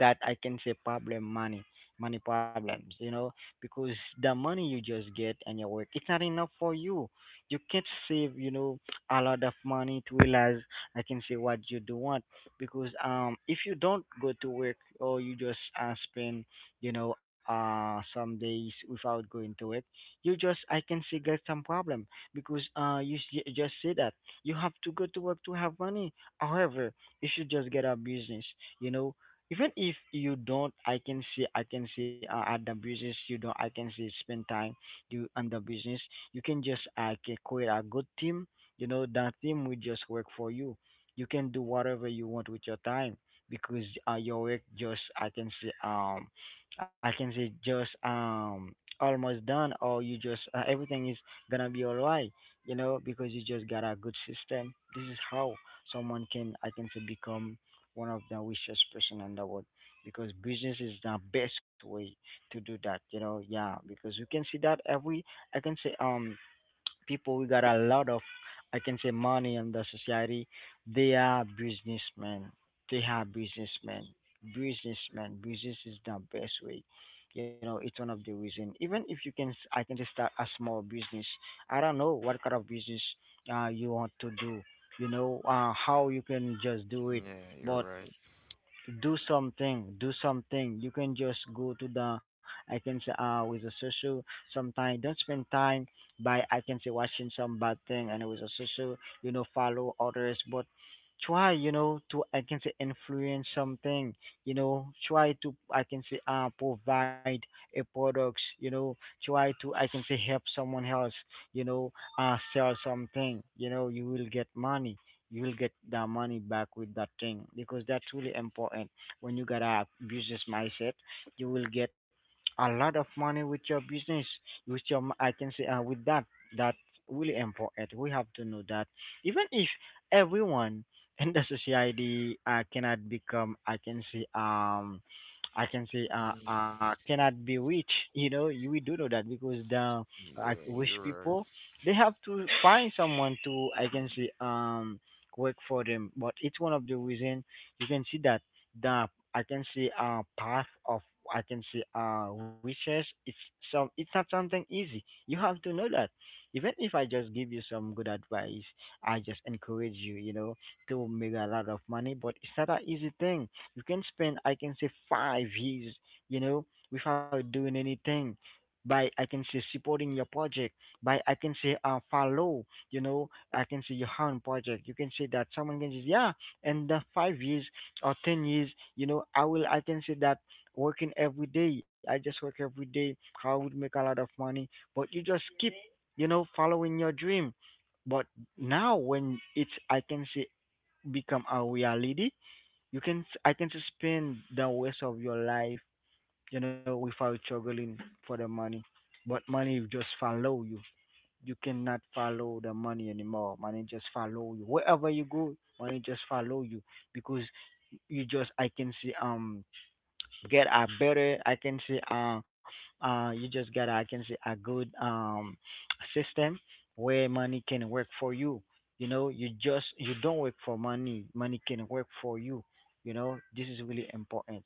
[SPEAKER 1] that I can say problem money, money problems, you know, because the money you just get and your work, it's not enough for you. You can't save, you know, a lot of money to realize I can say what you do want because if you don't go to work or you just spend, you know, some days without going to work, you just I can say get some problem because you just say that you have to go to work to have money. However, if you just get a business, you know, even if you don't I can see at the business you don't I can see spend time you on the business, you can just I can create a good team. You know that team will just work for you. You can do whatever you want with your time because your work just I can see I can say just almost done, or you just everything is gonna be all right. You know because you just got a good system, this is how someone can I can say become one of the richest person in the world because business is the best way to do that, you know. Yeah, because you can see that every I can say people we got a lot of I can say money in the society, they are businessmen, they are businessmen, businessmen, business is the best way, you know. It's one of the reason even if you can I can just start a small business. I don't know what kind of business you want to do, you know, how you can just do it,
[SPEAKER 2] Yeah, you're
[SPEAKER 1] but
[SPEAKER 2] right.
[SPEAKER 1] do something, do something. You can just go to the I can say with a social sometime. Don't spend time by I can say watching some bad thing and with a social, you know, follow others, but try, you know, to I can say influence something, you know. Try to I can say provide a products, you know. Try to I can say help someone else, you know, sell something, you know, you will get money. You will get the money back with that thing because that's really important. When you got a business mindset, you will get a lot of money with your business. With your, I can say, with that, that's really important. We have to know that even if everyone in the society cannot become, I can say,
[SPEAKER 2] Yeah,
[SPEAKER 1] cannot be rich. You know, you, we do know that because the
[SPEAKER 2] yeah,
[SPEAKER 1] rich
[SPEAKER 2] you're right.
[SPEAKER 1] people they have to find someone to, I can say, work for them. But it's one of the reason you can see that the I can see path of I can see research. It's some, it's not something easy. You have to know that. Even if I just give you some good advice, I just encourage you, you know, to make a lot of money. But it's not an easy thing. You can spend I can say 5 years, you know, without doing anything. By I can say supporting your project. By I can say follow, you know, I can see your own project. You can say that someone can say, yeah, in the 5 years or 10 years, you know, I will. I can say that working every day. I just work every day. I would make a lot of money. But you just keep, you know, following your dream. But now when it's, I can say, become a reality. You can, I can just spend the rest of your life, you know, without struggling for the money. But money will just follow you, you cannot follow the money anymore. Money just follow you wherever you go. Money just follow you because you just I can see get a better I can say you just get I can say a good system where money can work for you. You know, you just, you don't work for money, money can work for you. You know, this is really important.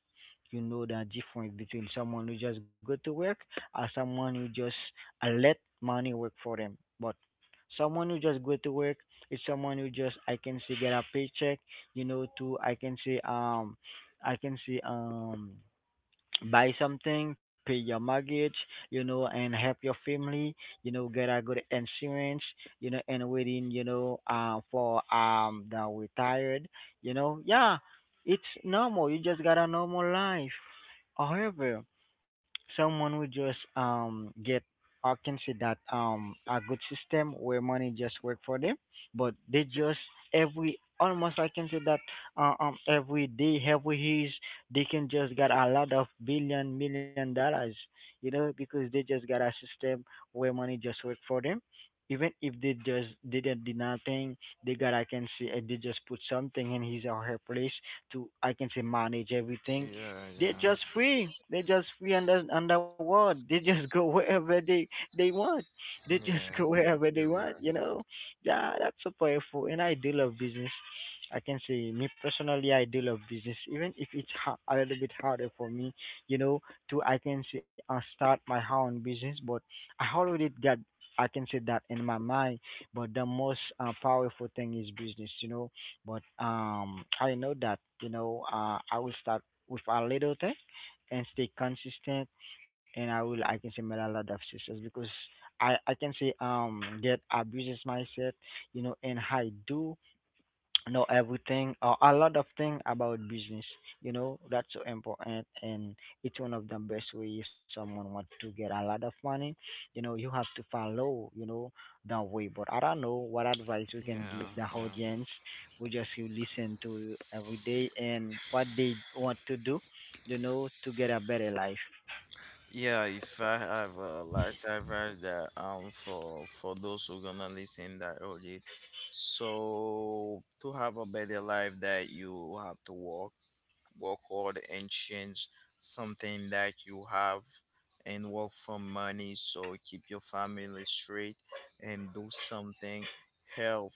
[SPEAKER 1] You know the difference between someone who just go to work or someone who just let money work for them. But someone who just go to work is someone who just I can say get a paycheck, you know, to I can say buy something, pay your mortgage, you know, and help your family, you know, get a good insurance, you know, and waiting, you know, for the retired, you know. Yeah, it's normal. You just got a normal life. However, someone would just get I can say that a good system where money just work for them, but they just every almost I can say that every day, every years, they can just get a lot of billion million dollars, you know, because they just got a system where money just work for them. Even if they just didn't do nothing, they got I can say they just put something in his or her place to I can say manage everything.
[SPEAKER 2] Yeah,
[SPEAKER 1] They're just
[SPEAKER 2] yeah,
[SPEAKER 1] free. They're just free under underworld. They just go wherever they want. They just go
[SPEAKER 2] yeah,
[SPEAKER 1] wherever they
[SPEAKER 2] you're
[SPEAKER 1] want.
[SPEAKER 2] right.
[SPEAKER 1] You know, yeah, that's so powerful. And I do love business. I can say me personally, I do love business, even if it's a little bit harder for me. You know, to I can say I start my own business, but I already got. I can say that in my mind, but the most powerful thing is business, you know. But I know that, you know, I will start with a little thing and stay consistent, and I will I can say make a lot of success because I can say get a business mindset, you know, and I do know everything or a lot of thing about business, you know. That's so important, and it's one of the best way if someone wants to get a lot of money, you know. You have to follow, you know, the way, but I don't know what advice we
[SPEAKER 2] Yeah,
[SPEAKER 1] can give the
[SPEAKER 2] yeah.
[SPEAKER 1] audience. We just you listen to every day and what they want to do, you know, to get a better life.
[SPEAKER 2] Yeah, if I have a last advice that, for those who gonna listen that already, so to have a better life, that you have to work, work hard, and change something that you have, and work for money. So keep your family straight and do something. Help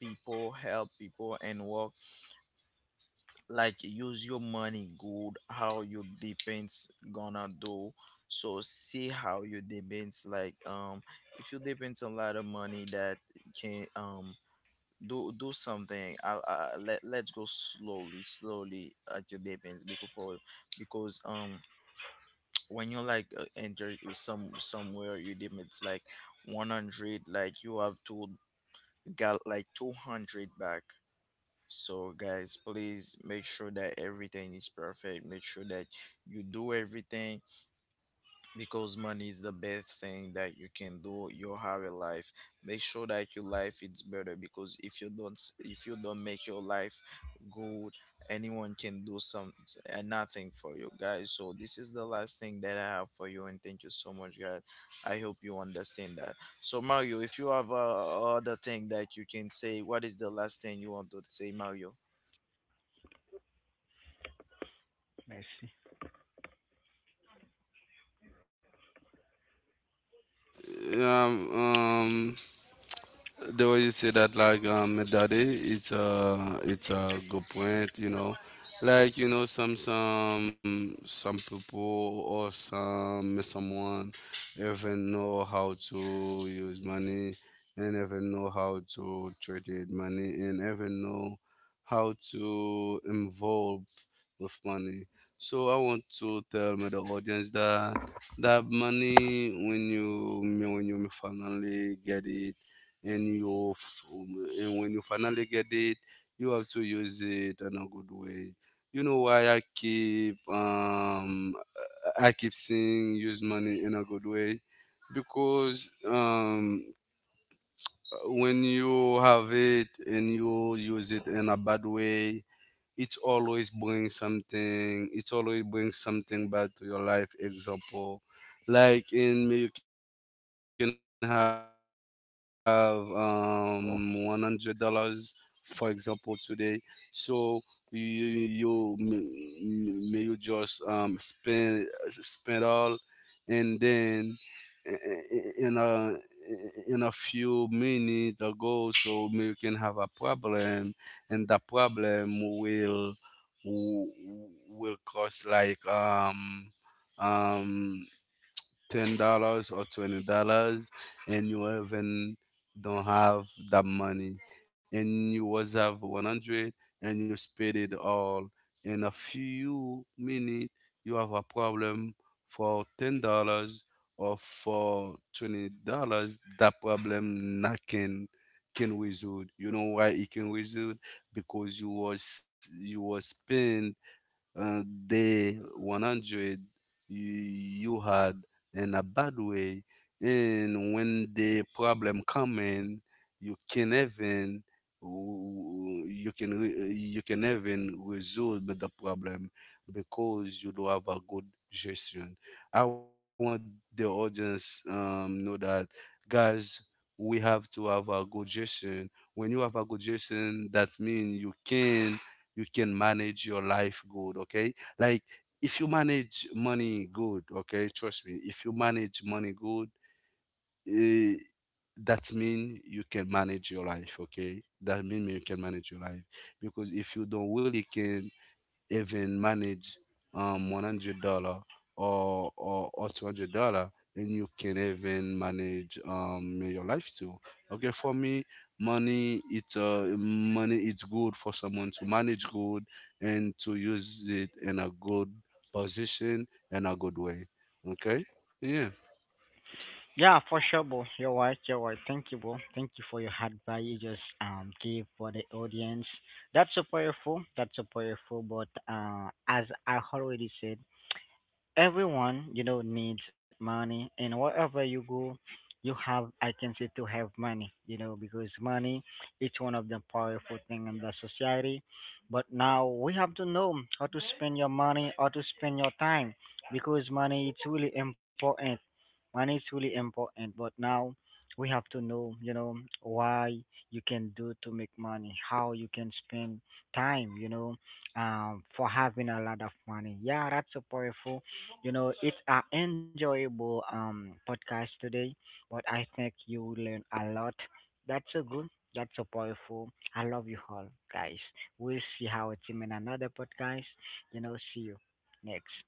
[SPEAKER 2] people, help people, and work, like use your money good, how your depends gonna do. So see how your depends, like, if you depends a lot of money, that can, do do something. I will, I let, let's go slowly slowly at your depends. Because for, because when you like enter some somewhere, your depends like 100, like you have to got like 200 back. So, guys, please make sure that everything is perfect. Make sure that you do everything, because money is the best thing that you can do. Your have a life. Make sure that your life is better, because if you don't, if you don't make your life good, anyone can do some and nothing for you, guys. So this is the last thing that I have for you, and thank you so much, guys. I hope you understand that. So Mario, if you have other thing that you can say, what is the last thing you want to say, Mario?
[SPEAKER 1] Merci.
[SPEAKER 3] um, um, the way you say that, like, daddy, it's a good point. You know, like you know, some people, or some someone, even know how to use money, and even know how to trade money, and even know how to involve with money. So I want to tell my the audience that, that money, when you finally get it, and when you finally get it, you have to use it in a good way. You know why I keep, I keep saying use money in a good way, because when you have it and you use it in a bad way, it's always bring something back to your life, example like in me, you can have $100 for example today. So you you may you just spend all, and then in a in a few minutes ago, so may you can have a problem, and the problem will cause like, um $10 or $20, and you even don't have that money, and you was have 100, and you spend it all in a few minutes, you have a problem for $10 or for $20, that problem not can wizard. You know why it can wizard? Because you was spend uh, the 100 you, you had in a bad way, and when the problem come in, you can even you can even resolve the problem, because you do have a good gestion. I want the audience, know that, guys, we have to have a good gestion. When you have a good gestion, that means you can manage your life good. Okay, like, if you manage money good, okay, trust me, if you manage money good, eh, that mean you can manage your life, okay, that mean you can manage your life, because if you don't really can even manage $100, or $200, and you can even manage your life too. Okay, for me, money it's, money it's good for someone to manage good, and to use it in a good position and a good way. Okay? Yeah.
[SPEAKER 1] Yeah, for sure, bro. You're right. You're right. Thank you, bro. Thank you for your hard advice you just gave for the audience. That's so powerful. That's so powerful. But as I already said, everyone, you know, needs money, and wherever you go you have I can say to have money, you know, because money it's one of the powerful thing in the society. But now we have to know how to spend your money, how to spend your time because money it's really important. Money is really important, but now we have to know, you know, why you can do to make money, how you can spend time, you know, for having a lot of money. Yeah, that's so powerful. You know, it's an enjoyable podcast today, but I think you will learn a lot. That's so good. That's so powerful. I love you all, guys. We'll see how it's in another podcast. You know, see you next.